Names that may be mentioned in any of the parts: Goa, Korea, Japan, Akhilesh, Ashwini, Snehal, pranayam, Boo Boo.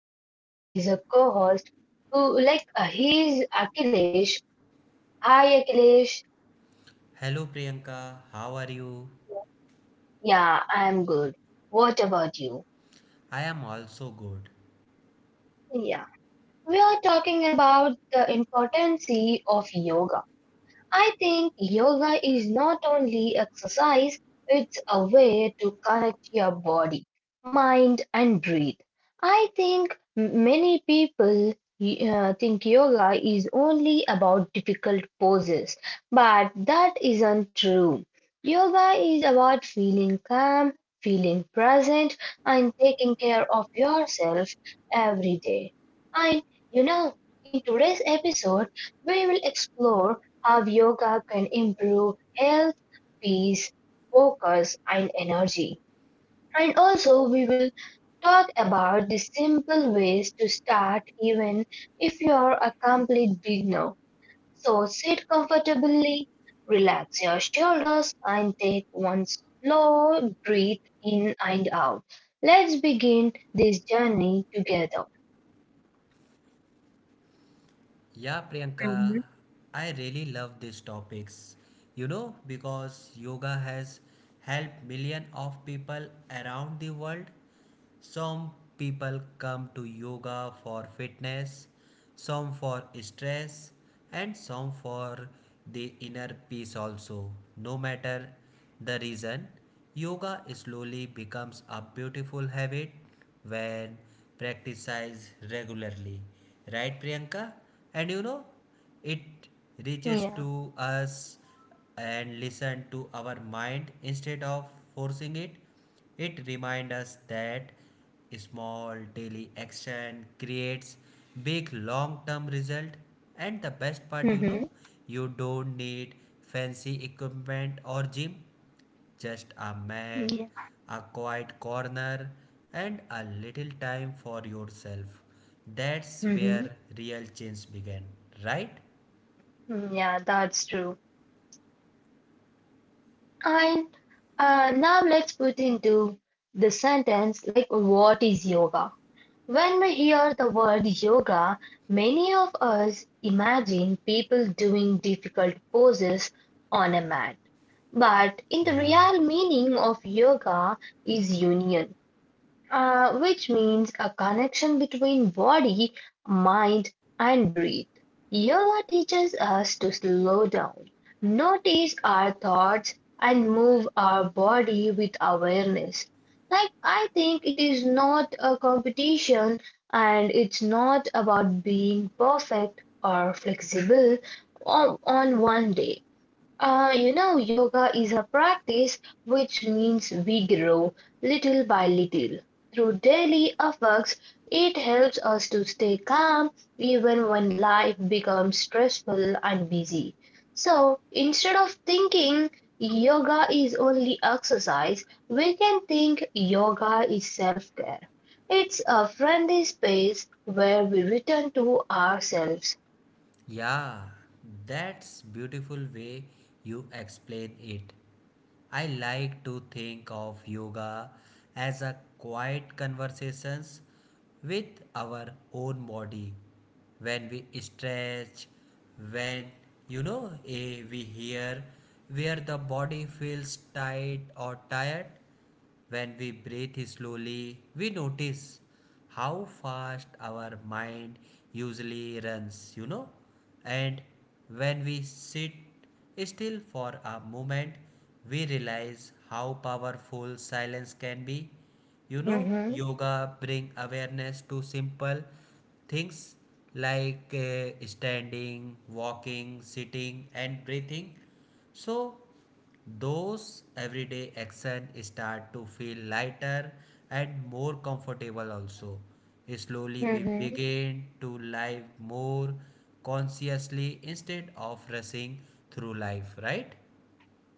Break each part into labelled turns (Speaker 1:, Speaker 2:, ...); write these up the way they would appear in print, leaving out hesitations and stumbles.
Speaker 1: my friend, is a co-host who, he's Akhilesh. Hi Akhilesh.
Speaker 2: Hello Priyanka, how are you?
Speaker 1: Yeah, I'm good. What about you?
Speaker 2: I am also good.
Speaker 1: Yeah, we are talking about the importance of yoga. I think yoga is not only exercise, it's a way to connect your body, mind, and breathe. I think many people think yoga is only about difficult poses, but that isn't true. Yoga is about feeling calm, feeling present, and taking care of yourself every day. And you know, in today's episode, we will explore how yoga can improve health, peace, focus, and energy. And also, we will talk about the simple ways to start, even if you're a complete beginner. So, sit comfortably, relax your shoulders, and take one slow breath in and out. Let's begin this journey together.
Speaker 2: Yeah, Priyanka,
Speaker 1: Mhm.
Speaker 2: I really love these topics. You know, because yoga has helped millions of people around the world. Some people come to yoga for fitness, some for stress, and some for the inner peace also. No matter the reason, yoga slowly becomes a beautiful habit when practiced regularly. Right, Priyanka? And you know, it reaches
Speaker 1: Yeah.
Speaker 2: to us and listen to our mind instead of forcing it. Reminds us that small daily action creates big long term result, and the best part, you know,
Speaker 1: Hmm.
Speaker 2: you don't need fancy equipment or gym, just a mat,
Speaker 1: Yeah.
Speaker 2: a quiet corner, and a little time for yourself. That's
Speaker 1: Hmm.
Speaker 2: where real change began, right?
Speaker 1: Yeah, that's true. And now let's put into the sentence, like, what is yoga? When we hear the word yoga, many of us imagine people doing difficult poses on a mat. But in the
Speaker 2: yeah
Speaker 1: real meaning of yoga is union, which means a connection between body, mind, and breath. Yoga teaches us to slow down, notice our thoughts, and move our body with awareness. Like, I think it is not a competition and it's not about being perfect or flexible on one day. You know, yoga is a practice which means we grow little by little. Through daily efforts, it helps us to stay calm even when life becomes stressful and busy. So instead of thinking yoga is only exercise, we can think yoga is self care. It's a friendly space where we return to ourselves.
Speaker 2: yeah that's beautiful way you explain it. I like to think of yoga as a quiet conversations with our own body. When we stretch, when, you know, we hear where the body feels tight or tired. When we breathe slowly, we notice how fast our mind usually runs, you know. And when we sit still for a moment, we realize how powerful silence can be. You know,
Speaker 1: Mhm.
Speaker 2: yoga bring awareness to simple things like standing, walking, sitting and breathing. So those everyday action start to feel lighter and more comfortable also. Slowly we
Speaker 1: Mhm.
Speaker 2: begin to live more consciously instead of rushing through life, right?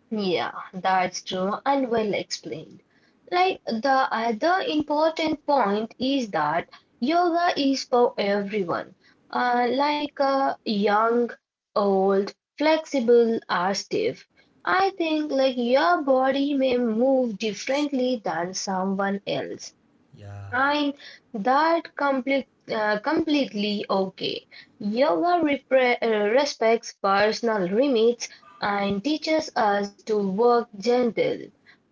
Speaker 1: Yeah, that's true and well explained. Like, the other important point is that yoga is for everyone, like young, old, flexible, or stiff. I think like your body may move differently than someone else.
Speaker 2: Yeah,
Speaker 1: I'm that complete, Completely okay. Yoga respects personal limits and teaches us to work gentle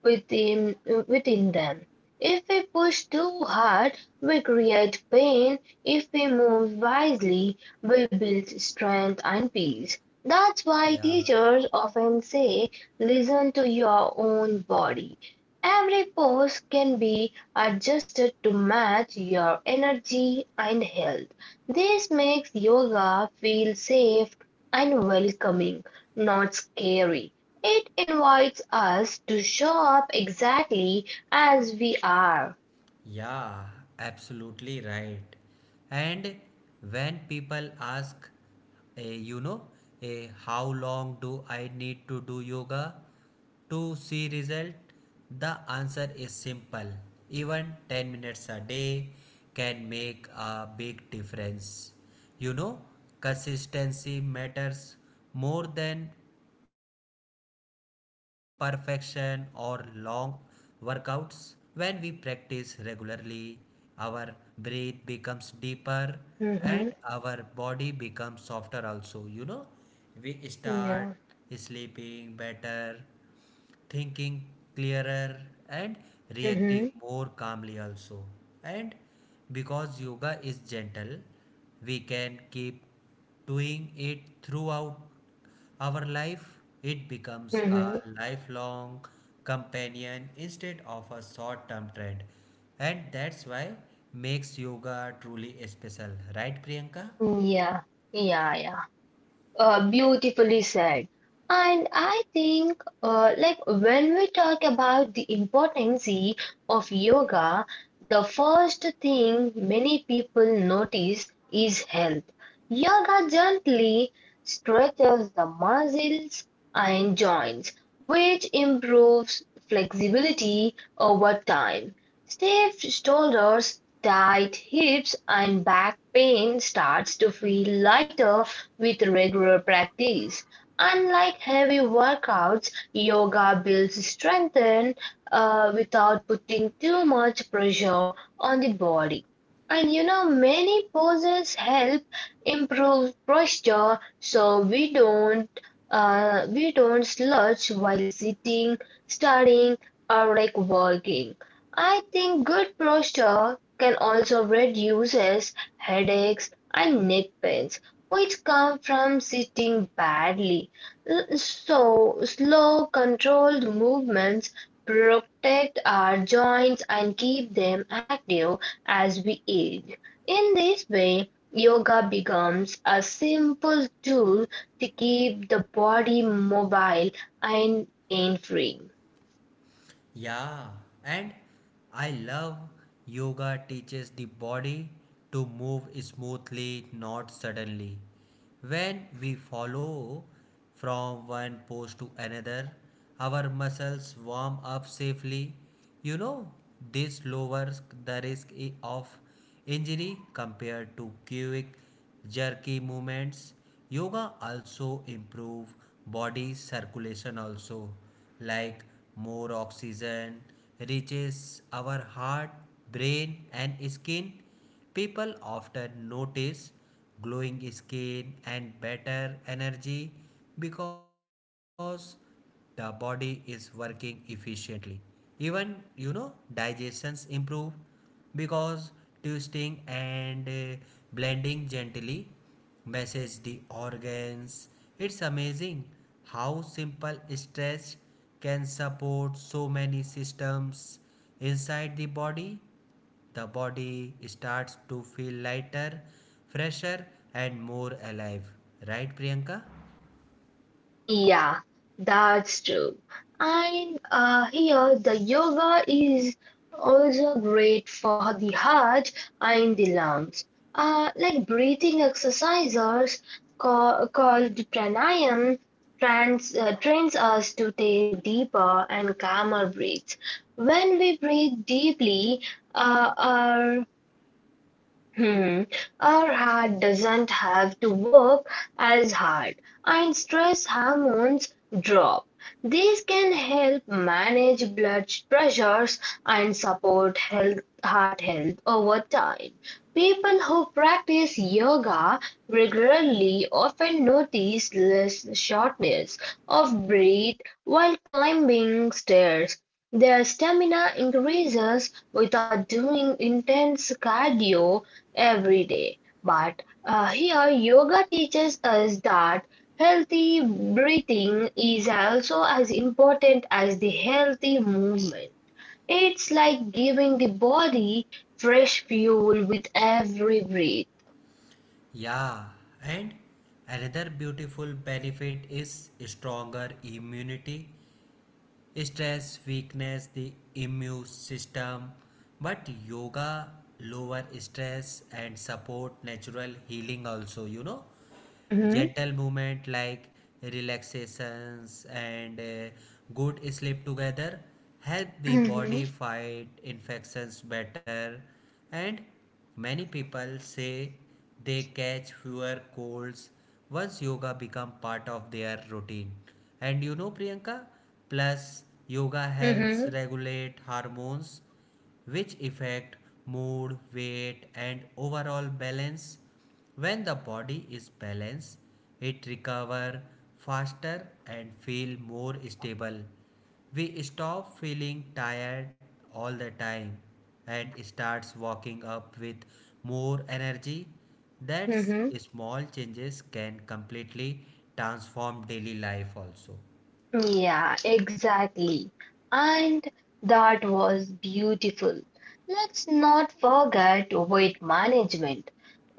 Speaker 1: within, within them. If we push too hard, we create pain. If we move wisely, we build strength and peace. That's why
Speaker 2: yeah.
Speaker 1: teachers often say, listen to your own body. Every pose can be adjusted to match your energy and health. This makes yoga feel safe and welcoming, not scary. It invites us to show up exactly as we are.
Speaker 2: Yeah, absolutely right. And when people ask, you know, how long do I need to do yoga to see result? The answer is simple. Even 10 minutes a day can make a big difference. You know, consistency matters more than perfection or long workouts. When we practice regularly, our breath becomes deeper and
Speaker 1: Hmm.
Speaker 2: our body becomes softer also, you know. We start
Speaker 1: Yeah.
Speaker 2: sleeping better, thinking clearer, and
Speaker 1: Hmm.
Speaker 2: reacting more calmly also. And because yoga is gentle, we can keep doing it throughout our life. It becomes a
Speaker 1: Hmm.
Speaker 2: lifelong companion instead of a short-term trend. And that's why makes yoga truly special, right Priyanka?
Speaker 1: Yeah. Yeah. Yeah. Beautifully said. And I think, when we talk about the importance of yoga, the first thing many people notice is health. Yoga gently stretches the muscles and joints, which improves flexibility over time. Stiff shoulders, tight hips and back pain starts to feel lighter with regular practice. Unlike heavy workouts, yoga builds strength without putting too much pressure on the body. And you know, many poses help improve posture so we don't slouch while sitting, studying, or like working. I think good posture can also reduces headaches and neck pains, which come from sitting badly. So, slow, controlled movements protect our joints and keep them active as we age. In this way, yoga becomes a simple tool to keep the body mobile and pain free.
Speaker 2: Yeah, and I love yoga teaches the body to move smoothly, not suddenly. When we follow from one pose to another, our muscles warm up safely. You know, this lowers the risk of injury compared to quick jerky movements. Yoga also improve body circulation also, like more oxygen reaches our heart, brain and skin. People often notice glowing skin and better energy because the body is working efficiently. Even, you know, digestions improve because twisting and blending gently message the organs. It's amazing how simple stretch can support so many systems inside the body. The body starts to feel lighter, fresher, and more alive. Right, Priyanka?
Speaker 1: Yeah, that's true. And here the yoga is also great for the heart and the lungs. Like, breathing exercises called pranayam trains us to take deeper and calmer breaths. When we breathe deeply, uh, our, hmm, our heart doesn't have to work as hard and stress hormones drop. These can help manage blood pressures and support health, heart health over time. People who practice yoga regularly often notice less shortness of breath while climbing stairs. Their stamina increases without doing intense cardio every day. But here, yoga teaches us that healthy breathing is also as important as the healthy movement. It's like giving the body fresh fuel with every breath.
Speaker 2: Yeah, and another beautiful benefit is stronger immunity. Stress, weakness, the immune system. But yoga lower stress and support natural healing also, you know.
Speaker 1: Mhm.
Speaker 2: Gentle movement like relaxations and good sleep together help the
Speaker 1: Mhm.
Speaker 2: body fight infections better, and many people say they catch fewer colds once yoga become part of their routine. And you know, Priyanka, plus yoga helps
Speaker 1: Mhm.
Speaker 2: regulate hormones, which affect mood, weight, and overall balance. When the body is balanced, it recover faster and feel more stable. We stop feeling tired all the time and starts walking up with more energy. That's
Speaker 1: Mhm.
Speaker 2: small changes can completely transform daily life also.
Speaker 1: Yeah, exactly. And that was beautiful. Let's not forget weight management.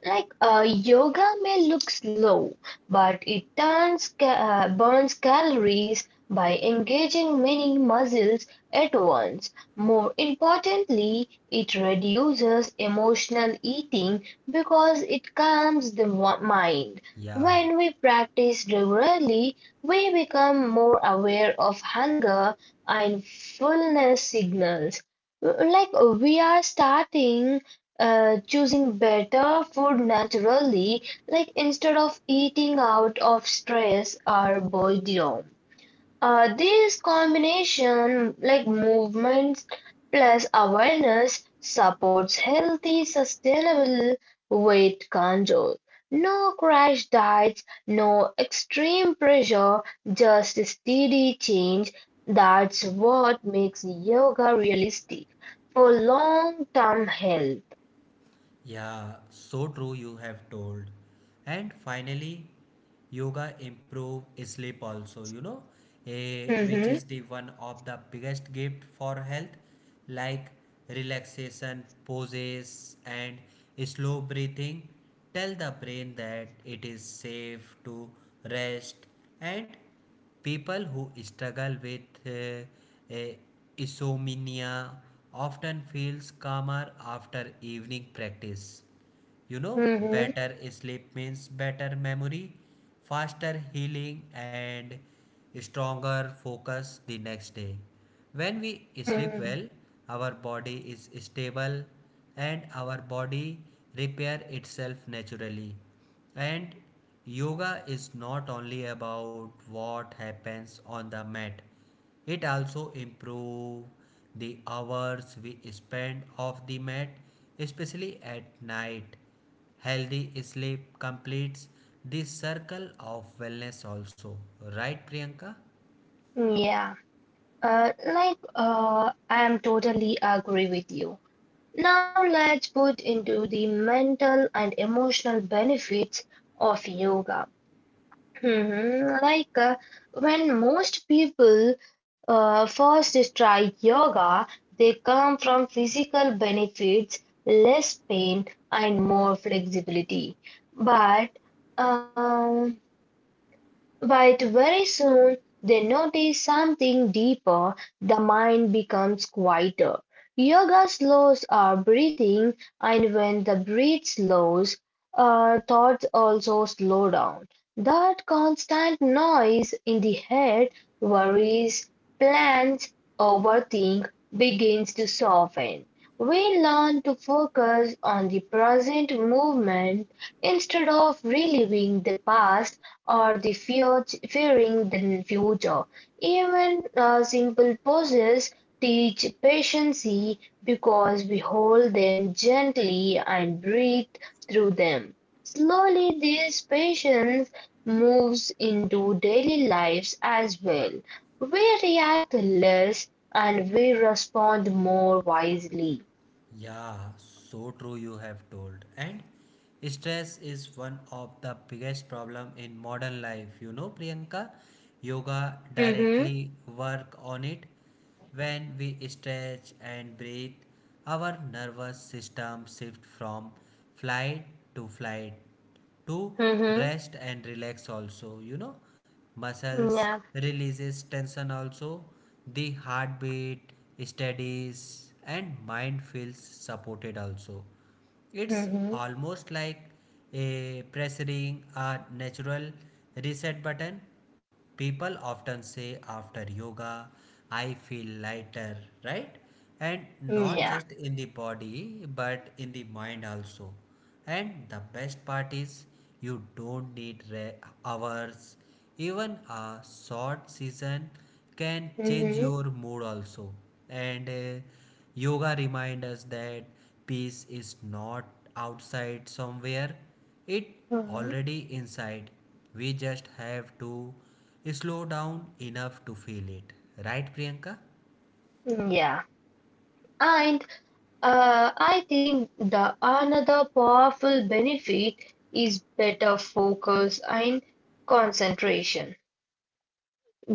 Speaker 1: Like, yoga may look slow, but it burns calories by engaging many muscles at once. More importantly, it reduces emotional eating because it calms the mind.
Speaker 2: Yeah.
Speaker 1: When we practice regularly, we become more aware of hunger and fullness signals. Like, we are starting choosing better food naturally, like instead of eating out of stress or boredom. This combination, like movements plus awareness, supports healthy, sustainable weight control. No crash diets, no extreme pressure, just steady change. That's what makes yoga realistic for long term health.
Speaker 2: Yeah, so true you have told. And finally, yoga improve sleep also, you know, which
Speaker 1: Mm-hmm.
Speaker 2: is the one of the biggest gift for health, like relaxation poses and slow breathing. Tell the brain that it is safe to rest. And people who struggle with insomnia often feels calmer after evening practice. You know,
Speaker 1: Mm-hmm.
Speaker 2: better sleep means better memory, faster healing, and stronger focus the next day. When we sleep
Speaker 1: Mm-hmm.
Speaker 2: well, our body is stable and our body repair itself naturally. And yoga is not only about what happens on the mat, it also improve the hours we spend off the mat, especially at night. Healthy sleep completes the circle of wellness also. Right, Priyanka?
Speaker 1: Yeah. I am totally agree with you. Now let's put into the mental and emotional benefits of yoga. Mm-hmm. Like, when most people first try yoga, they come from physical benefits, less pain, and more flexibility. But, um, But very soon they notice something deeper. The mind becomes quieter. Yoga slows our breathing, and when the breath slows, our thoughts also slow down. That constant noise in the head, worries, plans, overthink begins to soften. We learn to focus on the present movement instead of reliving the past or fearing the future. Even simple poses teach patience because we hold them gently and breathe through them. Slowly, this patience moves into daily lives as well. We react less and we respond more wisely.
Speaker 2: Yeah, so true you have told. And stress is one of the biggest problem in modern life. You know, Priyanka, yoga
Speaker 1: Mm-hmm.
Speaker 2: directly work on it. When we stretch and breathe, our nervous system shift from flight flight to
Speaker 1: Mm-hmm.
Speaker 2: rest and relax also, you know. Muscles
Speaker 1: Yeah.
Speaker 2: releases tension also, the heartbeat steadies and mind feels supported also. It's
Speaker 1: Mm-hmm.
Speaker 2: almost like a pressing a natural reset button. People often say after yoga, I feel lighter, right? And not
Speaker 1: Yeah.
Speaker 2: just in the body but in the mind also. And the best part is, you don't need hours. Even a short season can change
Speaker 1: Mm-hmm.
Speaker 2: your mood also. And yoga reminds us that peace is not outside somewhere, it
Speaker 1: Mm-hmm.
Speaker 2: already inside. We just have to slow down enough to feel it. Right, Priyanka?
Speaker 1: Yeah. And I think the another powerful benefit is better focus and concentration.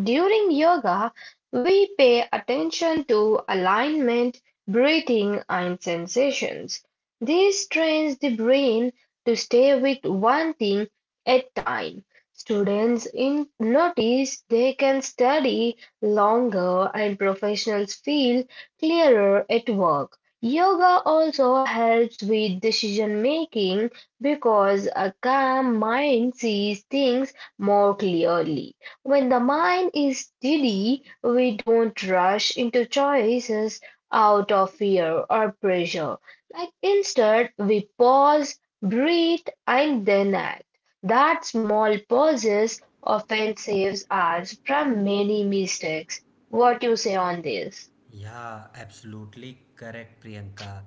Speaker 1: During yoga, we pay attention to alignment, breathing, and sensations. This trains the brain to stay with one thing at time. Students in notice they can study longer and professionals feel clearer at work. Yoga also helps with decision making because a calm mind sees things more clearly. When the mind is giddy, we don't rush into choices out of fear or pressure. Like instead, we pause, breathe, and then act. That small pauses often saves us from many mistakes. What you say on this?
Speaker 2: Yeah, absolutely correct, Priyanka.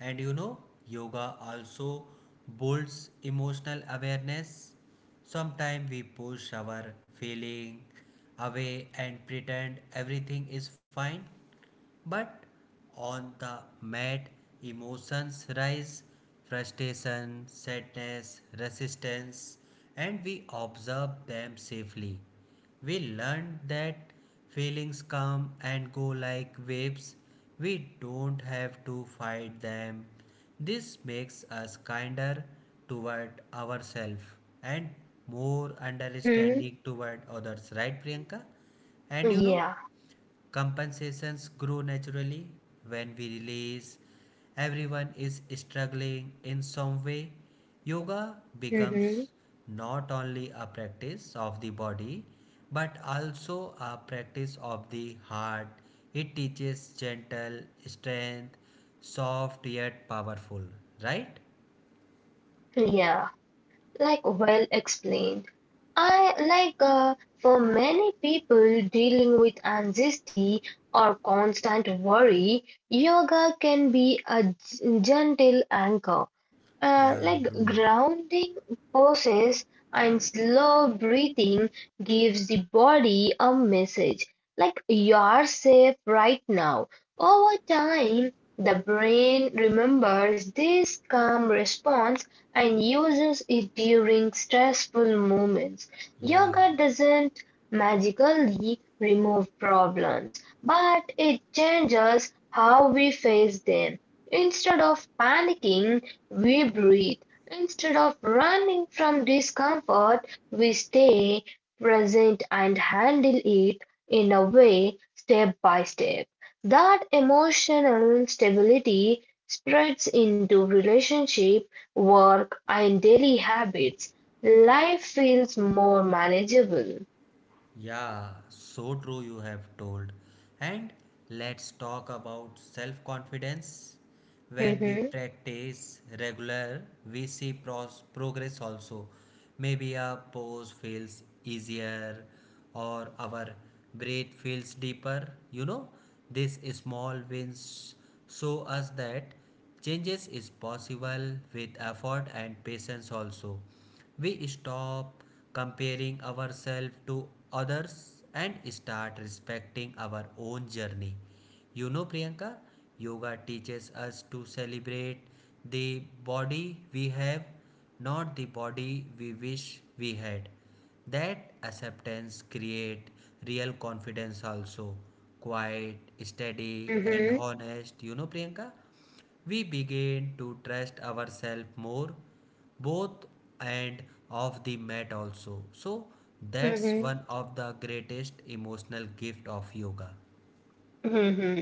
Speaker 2: And you know, yoga also builds emotional awareness. Sometimes we push our feeling away and pretend everything is fine, but on the mat, emotions rise: frustration, sadness, resistance, and we observe them safely. We learn that feelings come and go like waves, we don't have to fight them. This makes us kinder toward ourselves and more
Speaker 1: Mm-hmm.
Speaker 2: understanding toward others, right, Priyanka? And you know,
Speaker 1: Yeah.
Speaker 2: compensations grow naturally when we realize everyone is struggling in some way. Yoga
Speaker 1: Mm-hmm.
Speaker 2: becomes not only a practice of the body but also a practice of the heart. It teaches gentle strength, soft yet powerful, right?
Speaker 1: Yeah. Like, well explained. I like for many people dealing with anxiety or constant worry, yoga can be a gentle anchor. Uh,
Speaker 2: Yeah,
Speaker 1: like
Speaker 2: true.
Speaker 1: grounding poses and slow breathing gives the body a message like you're safe right now. Over time, the brain remembers this calm response and uses it during stressful moments.
Speaker 2: Yeah.
Speaker 1: Yoga doesn't magically remove problems, but it changes how we face them. Instead of panicking, we breathe. Instead of running from discomfort, we stay present and handle it in a way, step by step. That emotional stability spreads into relationship, work, and daily habits. Life feels more manageable.
Speaker 2: Yeah, so true you have told. And let's talk about self confidence. When we
Speaker 1: Mhm.
Speaker 2: practice regular, we see progress also. Maybe a pose feels easier or our breath feels deeper. You know, these small wins show us that changes is possible with effort and patience also. We stop comparing ourselves to others and start respecting our own journey. You know, Priyanka, yoga teaches us to celebrate the body we have, not the body we wish we had. That acceptance create real confidence also. Quiet, steady and
Speaker 1: Mhm.
Speaker 2: honest, you know Priyanka? We begin to trust ourselves more, both and of the mat also. So that's
Speaker 1: Mhm.
Speaker 2: one of the greatest emotional gift of yoga.
Speaker 1: Mhm.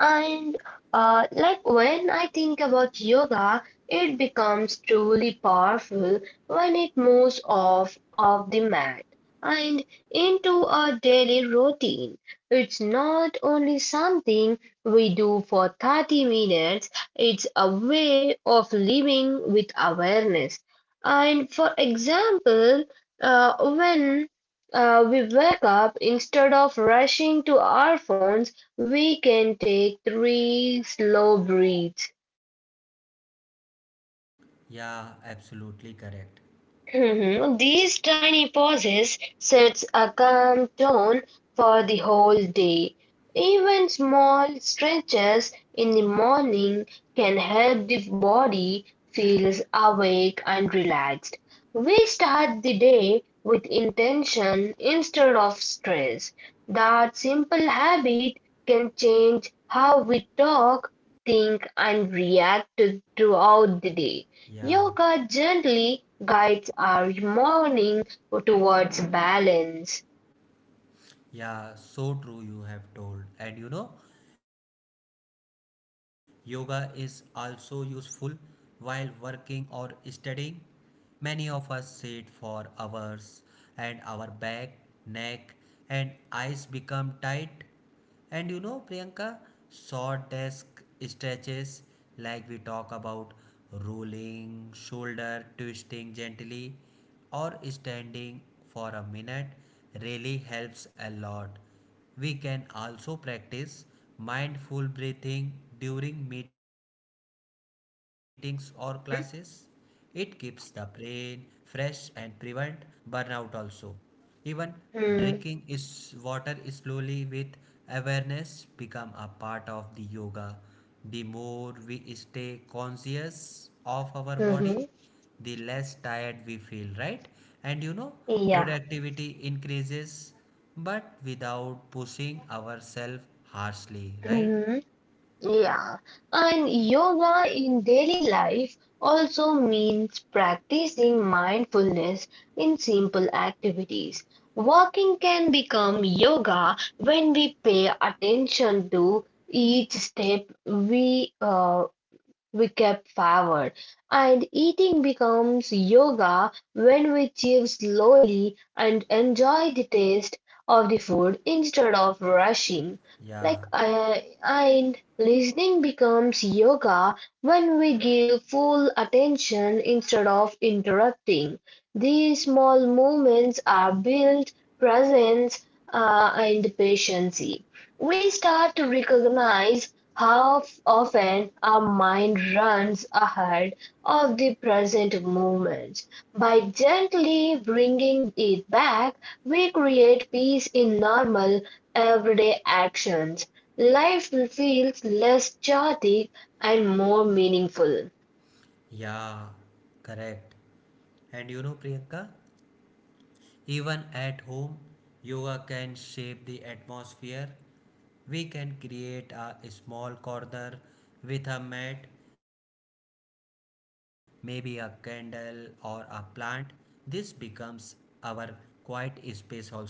Speaker 1: And when I think about yoga, it becomes truly powerful when it moves off of the mat and into a daily routine. It's not only something we do for 30 minutes, it's a way of living with awareness. And for example, when we wake up, instead of rushing to our phones, we can take three slow breaths.
Speaker 2: Yeah, absolutely correct.
Speaker 1: Mhm. These tiny pauses sets a calm tone for the whole day. Even small stretches in the morning can help the body feels awake and relaxed. We start the day with intention instead of stress. That simple habit can change how we talk, think, and react throughout the day.
Speaker 2: Yeah,
Speaker 1: Yoga gently guides our morning towards balance.
Speaker 2: yeah, so true you have told. And you know, yoga is also useful while working or studying. Many of us sit for hours and our back, neck, and eyes become tight. And you know, Priyanka, short desk stretches like we talk about rolling, shoulder twisting gently, or standing for a minute really helps a lot. We can also practice mindful breathing during meetings or classes. It keeps the
Speaker 1: Mhm.
Speaker 2: brain fresh and prevent burnout also. Even drinking
Speaker 1: Mhm.
Speaker 2: is water slowly with awareness become a part of the yoga. The more we stay conscious of our
Speaker 1: Mhm.
Speaker 2: body, the less tired we feel, right? And you know,
Speaker 1: Yeah.
Speaker 2: productivity increases but without pushing ourselves harshly, right?
Speaker 1: Mhm. Yeah. And yoga in daily life also means practicing mindfulness in simple activities. Walking can become yoga when we pay attention to each step we kept forward. And eating becomes yoga when we chew slowly and enjoy the taste of the food instead of rushing.
Speaker 2: Yeah,
Speaker 1: And listening becomes yoga when we give full attention instead of interrupting. These small movements are built presence and patience. We start to recognize how often our mind runs ahead of the present moment. By gently bringing it back, we create peace in normal, everyday actions. Life feels less chaotic and more meaningful.
Speaker 2: yeah, correct. And you know, Priyanka, even at home, yoga can shape the atmosphere. We can create a small corner with a mat, maybe a candle or a plant. This becomes our quiet space also,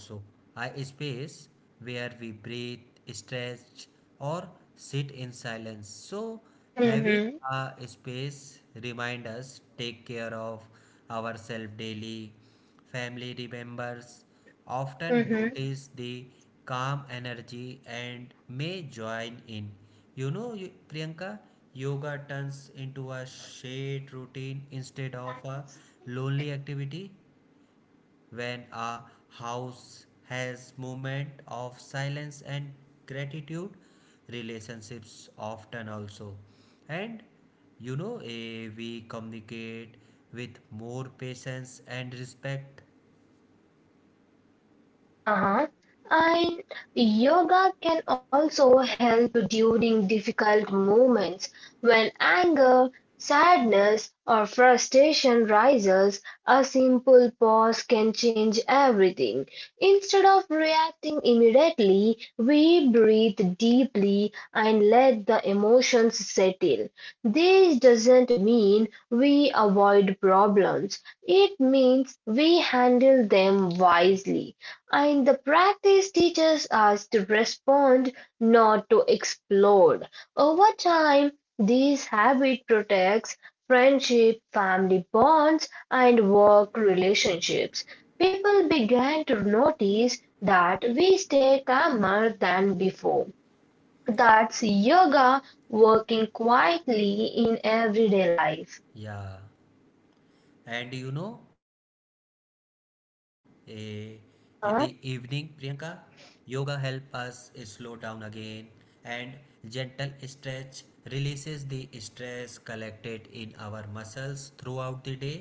Speaker 2: a space where we breathe, stretch, or sit in silence. So, having
Speaker 1: Mhm.
Speaker 2: space remind us take care of ourselves daily. Family remembers often
Speaker 1: Mhm.
Speaker 2: notice the calm energy and may join in, you know you, Priyanka. Yoga turns into a shared routine instead of a lonely activity. When a house has moment of silence and gratitude, relationships often also. And you know, we communicate with more patience and respect.
Speaker 1: Haha, and yoga can also help during difficult moments when anger, sadness, or frustration rises. A simple pause can change everything. Instead of reacting immediately, we breathe deeply and let the emotions settle. This doesn't mean we avoid problems. It means we handle them wisely. And the practice teaches us to respond, not to explode. Over time, this habit protects friendship, family bonds, and work relationships. People began to notice that we stay calmer than before. That's yoga working quietly in everyday life.
Speaker 2: Yeah. And you know, eh, in the evening, Priyanka,
Speaker 1: Uh huh.
Speaker 2: yoga help us slow down again, and gentle stretch releases the stress collected in our muscles throughout the day.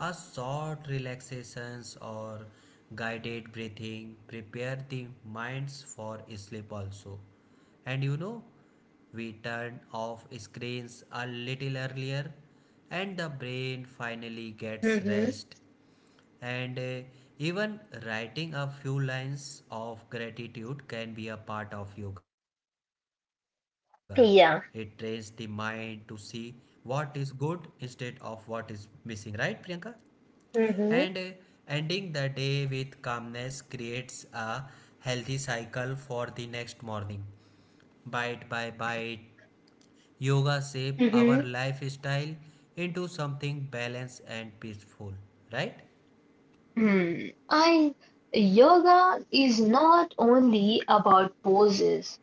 Speaker 2: A short relaxations or guided breathing prepare the minds for sleep also. And you know, we turn off screens a little earlier, and the brain finally gets
Speaker 1: Mm-hmm.
Speaker 2: rest. And even writing a few lines of gratitude can be a part of yoga. It trains the mind to
Speaker 1: Yeah.
Speaker 2: see what is good instead of what is missing, right, Priyanka? And
Speaker 1: Mm-hmm.
Speaker 2: ending the day with calmness creates a healthy cycle for the next morning. Bite by bite, yoga shape our
Speaker 1: Mm-hmm.
Speaker 2: lifestyle into something balanced and peaceful, right?
Speaker 1: Hmm, I Yoga is not only about poses.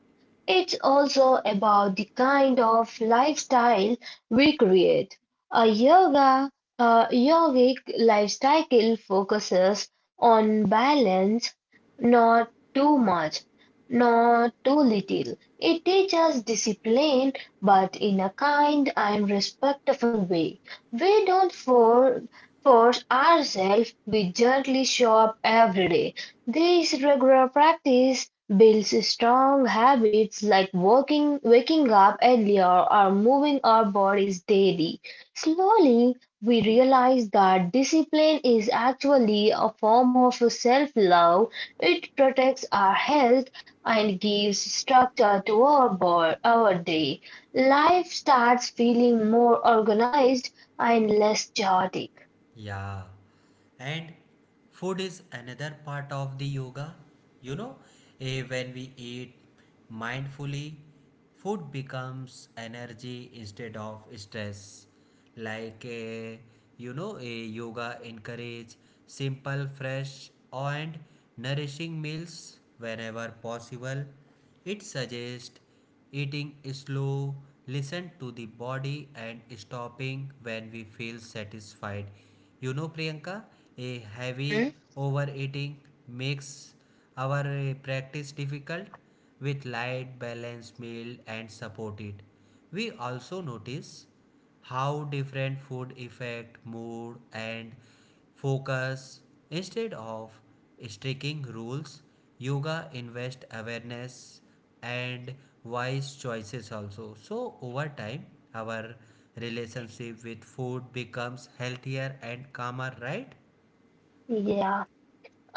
Speaker 1: It's also about the kind of lifestyle we create. A yoga, a yogic lifestyle focuses on balance, not too much, not too little. It teaches discipline, but in a kind and respectful way. We don't for, force ourselves, we gently show up every day. This regular practice builds strong habits like working, waking up earlier or moving our bodies daily. Slowly, we realize that discipline is actually a form of self love. It protects our health and gives structure to our day. Life starts feeling more organized and less chaotic.
Speaker 2: Yeah. And food is another part of the yoga. You know, when we eat mindfully, food becomes energy instead of stress. Like you know, a yoga encourage simple, fresh, and nourishing meals whenever possible. It suggests eating slow, listen to the body and stopping when we feel satisfied. You know, Priyanka, a heavy
Speaker 1: Mhm.
Speaker 2: overeating makes our practice difficult with light, balanced meal and support it. We also notice how different food affect mood and focus. Instead of striking rules, yoga invest awareness and wise choices also. So over time, our relationship with food becomes healthier and calmer, right?
Speaker 1: Yeah.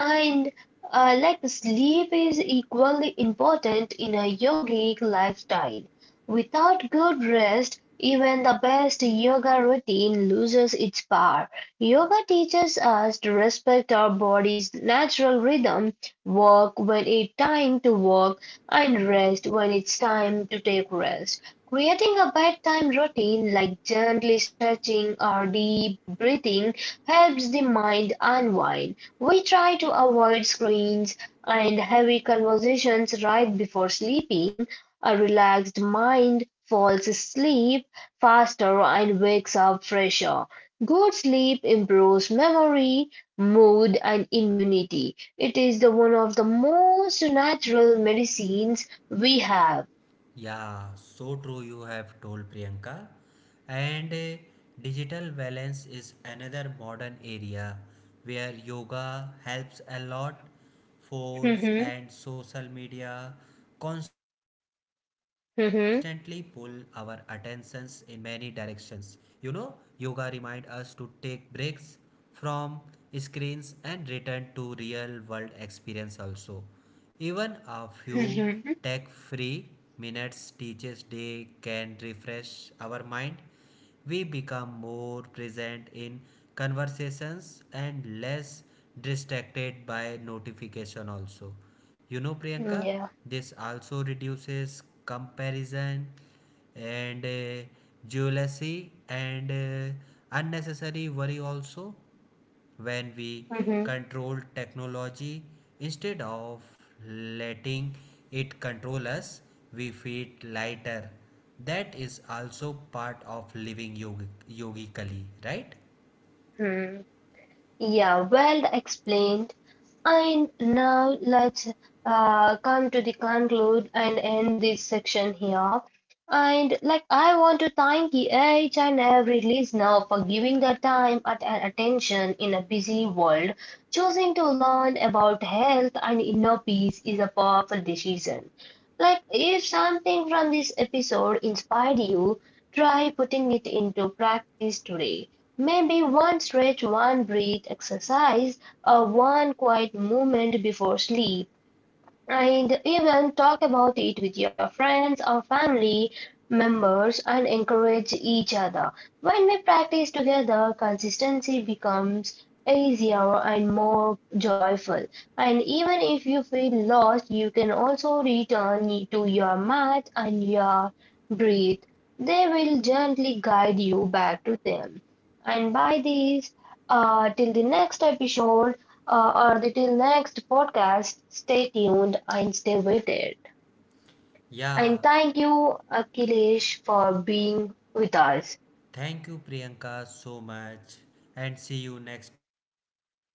Speaker 1: And sleep is equally important in a yogic lifestyle. Without good rest, even the best yoga routine loses its power. Yoga teaches us to respect our body's natural rhythm, work when it's time to work, and rest when it's time to take rest. Creating a bedtime routine like gently stretching or deep breathing helps the mind unwind. We try to avoid screens and heavy conversations right before sleeping. A relaxed mind falls asleep faster and wakes up fresher. Good sleep improves memory, mood, and immunity. It is the one of the most natural medicines we have.
Speaker 2: Yeah, so true you have told Priyanka. And digital balance is another modern area where yoga helps a lot. Phones
Speaker 1: Mhm.
Speaker 2: and social media constantly pull our
Speaker 1: Mhm.
Speaker 2: attentions in many directions. You know, yoga remind us to take breaks from screens and return to real world experience also. Even a few
Speaker 1: Mhm.
Speaker 2: tech free minutes teaches day can refresh our mind. We become more present in conversations and less distracted by notification also, you know Priyanka.
Speaker 1: Yeah.
Speaker 2: This also reduces comparison and jealousy and unnecessary worry also. When we control technology instead of letting it control us, we feel lighter. That is also part of living yogically, right?
Speaker 1: Mhm. Yeah, well explained. And now let's come to the conclude and end this section here. And like I want to
Speaker 2: Yeah.
Speaker 1: thank each and every listener for giving their time and attention in a busy world. Choosing to learn about health and inner peace is a powerful decision. Like, if something from this episode inspired you, try putting it into practice today. Maybe one stretch, one breath exercise, or one quiet moment before sleep. And even talk about it with your friends or family members and encourage each other. When we practice together, consistency becomes easier and more joyful. And even if you feel lost, you can also return to your mat and your breath. They will gently guide you back to them. And by this, till the next episode, or the till next podcast, stay tuned and stay with it.
Speaker 2: Yeah,
Speaker 1: And thank you, Akhilesh, for being with us.
Speaker 2: thank you Priyanka so much, and see you next episode.